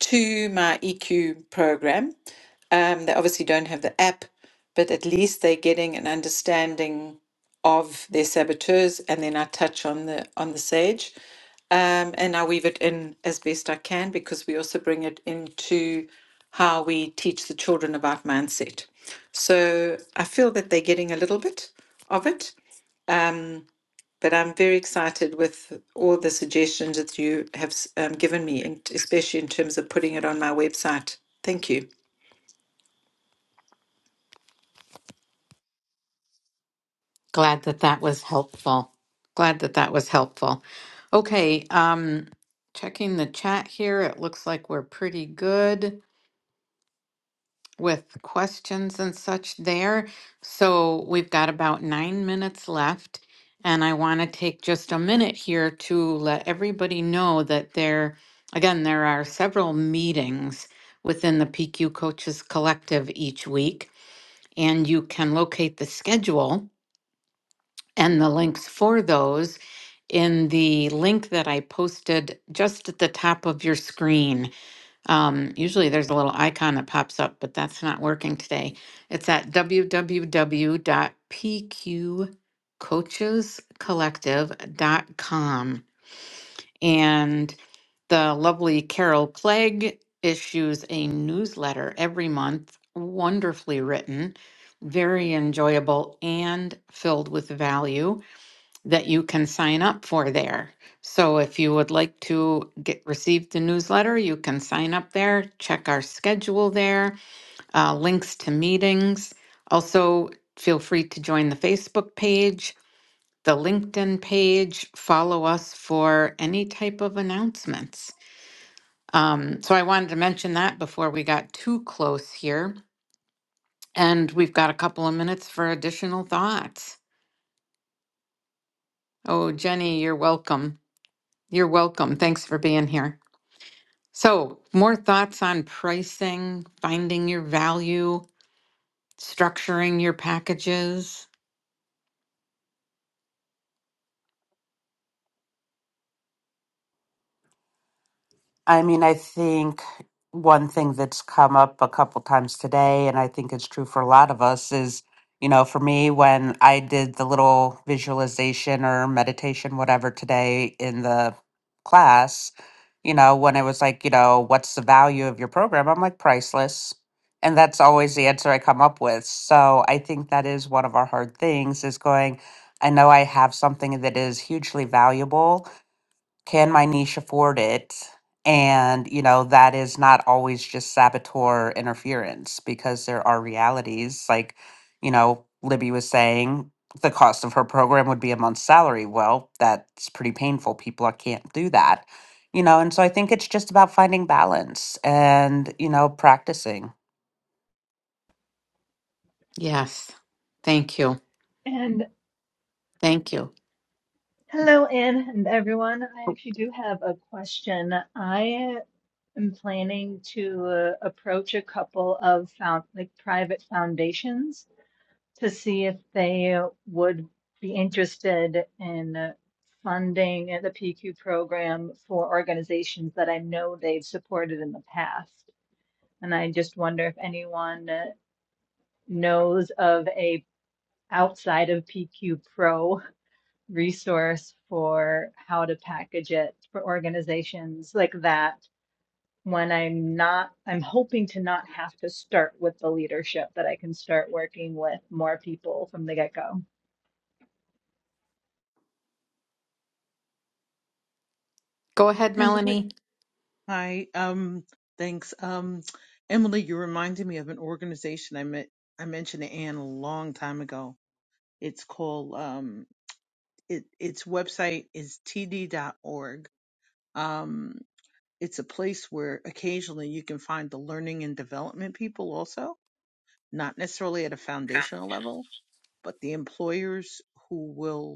Speaker 6: to my EQ program. Um, they obviously don't have the app, but at least they're getting an understanding of their saboteurs. And then I touch on the on the sage, um, and I weave it in as best I can because we also bring it into how we teach the children about mindset. So I feel that they're getting a little bit of it. But I'm very excited with all the suggestions that you have um, given me, and especially in terms of putting it on my website. Thank you.
Speaker 1: Glad that that was helpful. Glad that that was helpful. Okay, um, checking the chat here, it looks like we're pretty good with questions and such there. So we've got about nine minutes left, and I want to take just a minute here to let everybody know that there, again, there are several meetings within the PQ Coaches Collective each week, and you can locate the schedule and the links for those in the link that I posted just at the top of your screen. Um, usually there's a little icon that pops up, but that's not working today. It's at www.pqcoachescollective.com. And the lovely Carol Clegg issues a newsletter every month, wonderfully written, very enjoyable, and filled with value that you can sign up for there. So if you would like to get receive the newsletter, you can sign up there, check our schedule there, uh, links to meetings. Also, feel free to join the Facebook page, the LinkedIn page, follow us for any type of announcements. Um, so I wanted to mention that before we got too close here. And we've got a couple of minutes for additional thoughts. Oh, Jenny, you're welcome. You're welcome. Thanks for being here. So, more thoughts on pricing, finding your value, structuring your packages?
Speaker 4: I mean, I think one thing that's come up a couple times today, and I think it's true for a lot of us, is you know, for me, when I did the little visualization or meditation, whatever, today in the class, you know, when it was like, you know, what's the value of your program? I'm like, priceless. And that's always the answer I come up with. So I think that is one of our hard things is going, I know I have something that is hugely valuable can my niche afford it? And, you know, that is not always just saboteur interference because there are realities. Like, you know, Libby was saying the cost of her program would be a month's salary. Well, that's pretty painful. People are- can't do that, you know. And so I think it's just about finding balance and, you know, practicing.
Speaker 1: Yes. Thank you.
Speaker 7: And
Speaker 1: Thank you.
Speaker 7: hello, Anne and everyone. I actually do have a question. I am planning to uh, approach a couple of found, like private foundations to see if they would be interested in uh, funding the PQ program for organizations that I know they've supported in the past. And I just wonder if anyone uh, knows of a outside of PQ Pro resource for how to package it for organizations like that when I'm not, I'm hoping to not have to start with the leadership, that I can start working with more people from the get-go.
Speaker 1: Go ahead,
Speaker 2: And with
Speaker 1: Melanie.
Speaker 2: Hi. Um, thanks. Um, Emily, you reminded me of an organization I met. I mentioned to Anne a long time ago. It's called um, it its website is td. Org. Um, it's a place where occasionally you can find the learning and development people also, not necessarily at a foundational level, but the employers who will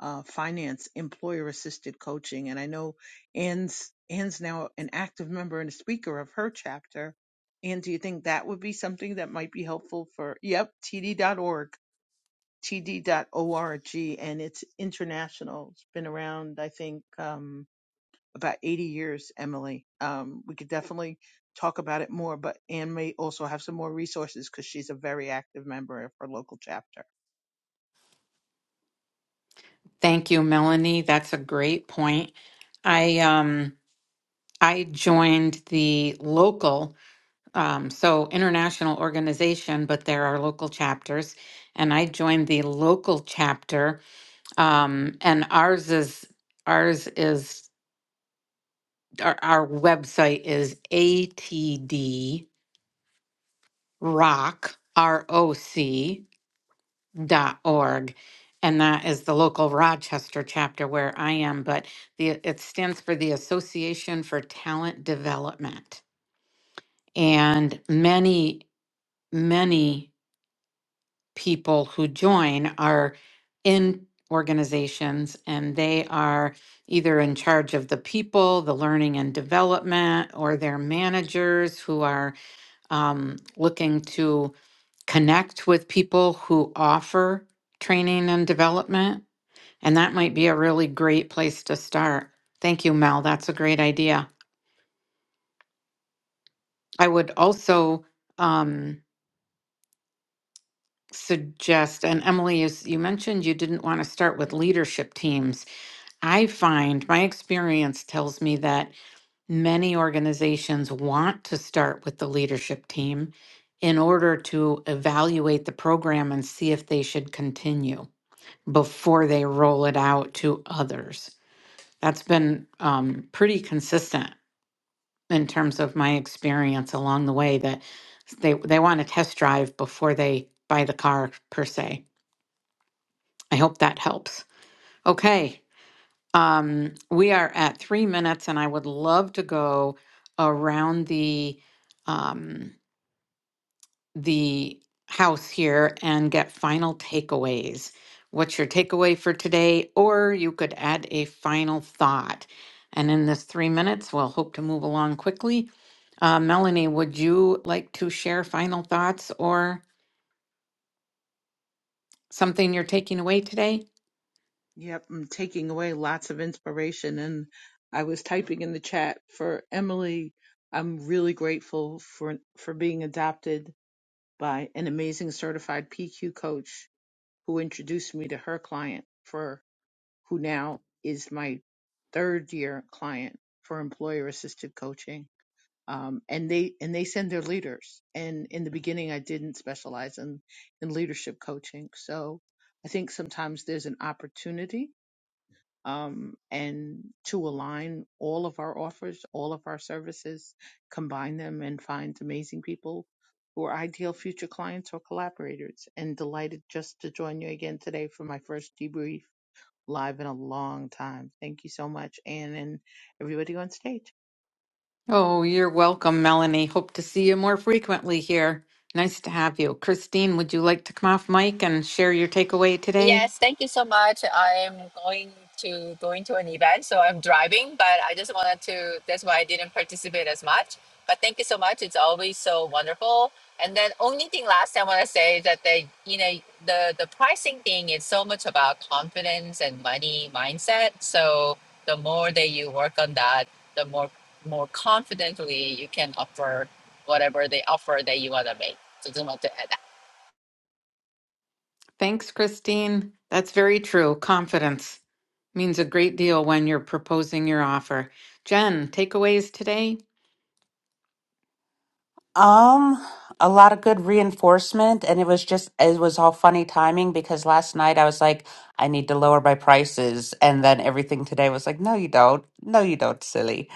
Speaker 2: uh, finance, employer assisted coaching. And I know Anne's, Anne's now an active member and a speaker of her chapter. And do you think that would be something that might be helpful for, yep, td.org, td.org. And it's international. It's been around, I think, um, about 80 years, Emily. Um, we could definitely talk about it more, but Anne may also have some more resources because she's a very active member of her local chapter.
Speaker 1: Thank you, Melanie. That's a great point. I um I joined the local um so international organization, but there are local chapters, and I joined the local chapter um and ours is ours is our, our website is atdrock, R-O-C dot org. And that is the local Rochester chapter where I am, but the, it stands for the Association for Talent Development. And many, many people who join are in organizations and they are either in charge of the people, the learning and development, or their managers who are um, looking to connect with people who offer training and development. And that might be a really great place to start. Thank you, Mel. That's a great idea. I would also um, suggest, and Emily, you, s- you mentioned you didn't want to start with leadership teams. I find my experience tells me that many organizations want to start with the leadership team in order to evaluate the program and see if they should continue. before they roll it out to others. That's been um, pretty consistent in terms of my experience along the way that they they want to test drive before they buy the car per se. I hope that helps. Okay. Um, we are at three minutes and I would love to go around the um, the house here and get final takeaways. What's your takeaway for today? Or you could add a final thought. And in this three minutes, we'll hope to move along quickly. Uh, Melanie, would you like to share final thoughts or something you're taking away today?
Speaker 2: Yep, I'm taking away lots of inspiration. And I was typing in the chat for Emily. I'm really grateful for for being adopted by an amazing certified PQ coach who introduced me to her client for who now is my third year client for employer assisted coaching. Um, and they and they send their leaders. And in the beginning, I didn't specialize in in leadership coaching. So I think sometimes there's an opportunity um, and to align all of our offers, all of our services, combine them and find amazing people who are ideal future clients or collaborators. And delighted just to join you again today for my first debrief live in a long time. Thank you so much, Anne and everybody on stage.
Speaker 1: Oh, you're welcome, Melanie. Hope to see you more frequently here. Nice to have you. Christine, would you like to come off mic and share your takeaway today?
Speaker 3: Yes, thank you so much. I'm going to going to an event, so I'm driving, but I just wanted to that's why I didn't participate as much. But thank you so much. It's always so wonderful. And then only thing last I want to say is that they, you know, the the pricing thing is so much about confidence and money mindset. So the more that you work on that, the more more confidently you can offer whatever they offer that you want to make. So just want to add that.
Speaker 1: Thanks, Christine. That's very true. Confidence means a great deal when you're proposing your offer. Jen, takeaways today?
Speaker 4: Um, a lot of good reinforcement, and it was just it was all funny timing because last night I was like, I need to lower my prices, and then everything today was like, no, you don't, no, you don't, silly.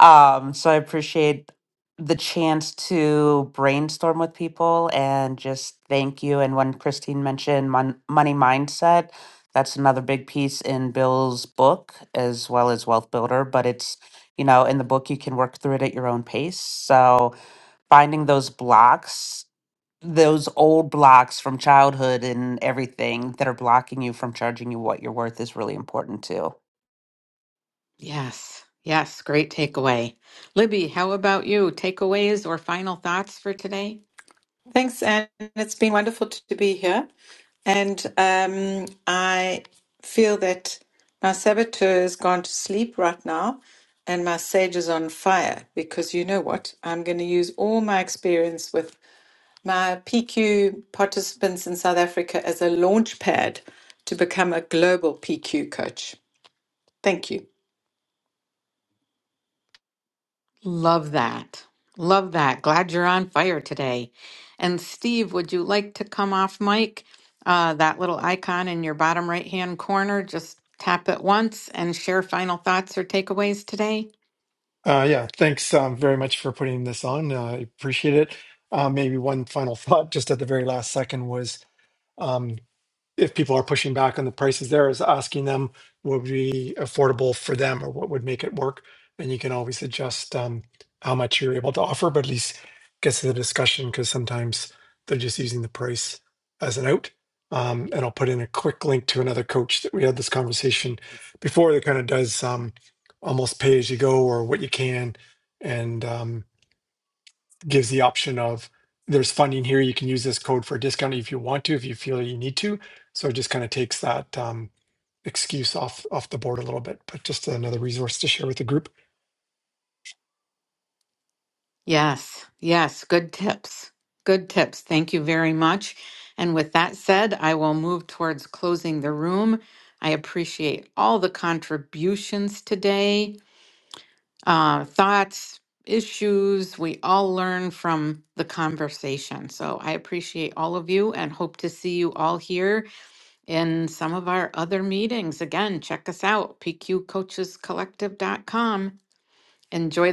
Speaker 4: Um, so I appreciate the chance to brainstorm with people and just thank you. And when Christine mentioned mon- money mindset, that's another big piece in Bill's book as well as Wealth Builder, but it's you know in the book you can work through it at your own pace so finding those blocks, those old blocks from childhood and everything that are blocking you from charging you what you're worth is really important too.
Speaker 1: Yes, yes, great takeaway. Libby, how about you? Takeaways or final thoughts for today?
Speaker 6: Thanks, Anne. It's been wonderful to to be here. And um, I feel that my saboteur has gone to sleep right now and my sage is on fire because you know what? I'm going to use all my experience with my PQ participants in South Africa as a launch pad to become a global PQ coach. Thank you.
Speaker 1: Love that. Love that. Glad you're on fire today. And Steve, would you like to come off mic? Uh, that little icon in your bottom right hand corner, just tap it once and share final thoughts or takeaways today.
Speaker 8: Uh, yeah, thanks um, very much for putting this on. Uh, I appreciate it. Uh, maybe one final [LAUGHS] thought just at the very last second was um, if people are pushing back on the prices there is asking them what would be affordable for them or what would make it work and you can always adjust um, how much you're able to offer but at least gets to the discussion because sometimes they're just using the price as an out um, and i'll put in a quick link to another coach that we had this conversation before that kind of does um, almost pay as you go or what you can and um, gives the option of there's funding here. You can use this code for a discount if you want to, if you feel you need to. So it just kind of takes that um, excuse off off the board a little bit. But just another resource to share with the group.
Speaker 1: Yes, yes, good tips. Good tips. Thank you very much. And with that said, I will move towards closing the room. I appreciate all the contributions today, uh, thoughts, issues. We all learn from the conversation. So I appreciate all of you and hope to see you all here in some of our other meetings. Again, check us out, pqcoachescollective.com. Enjoy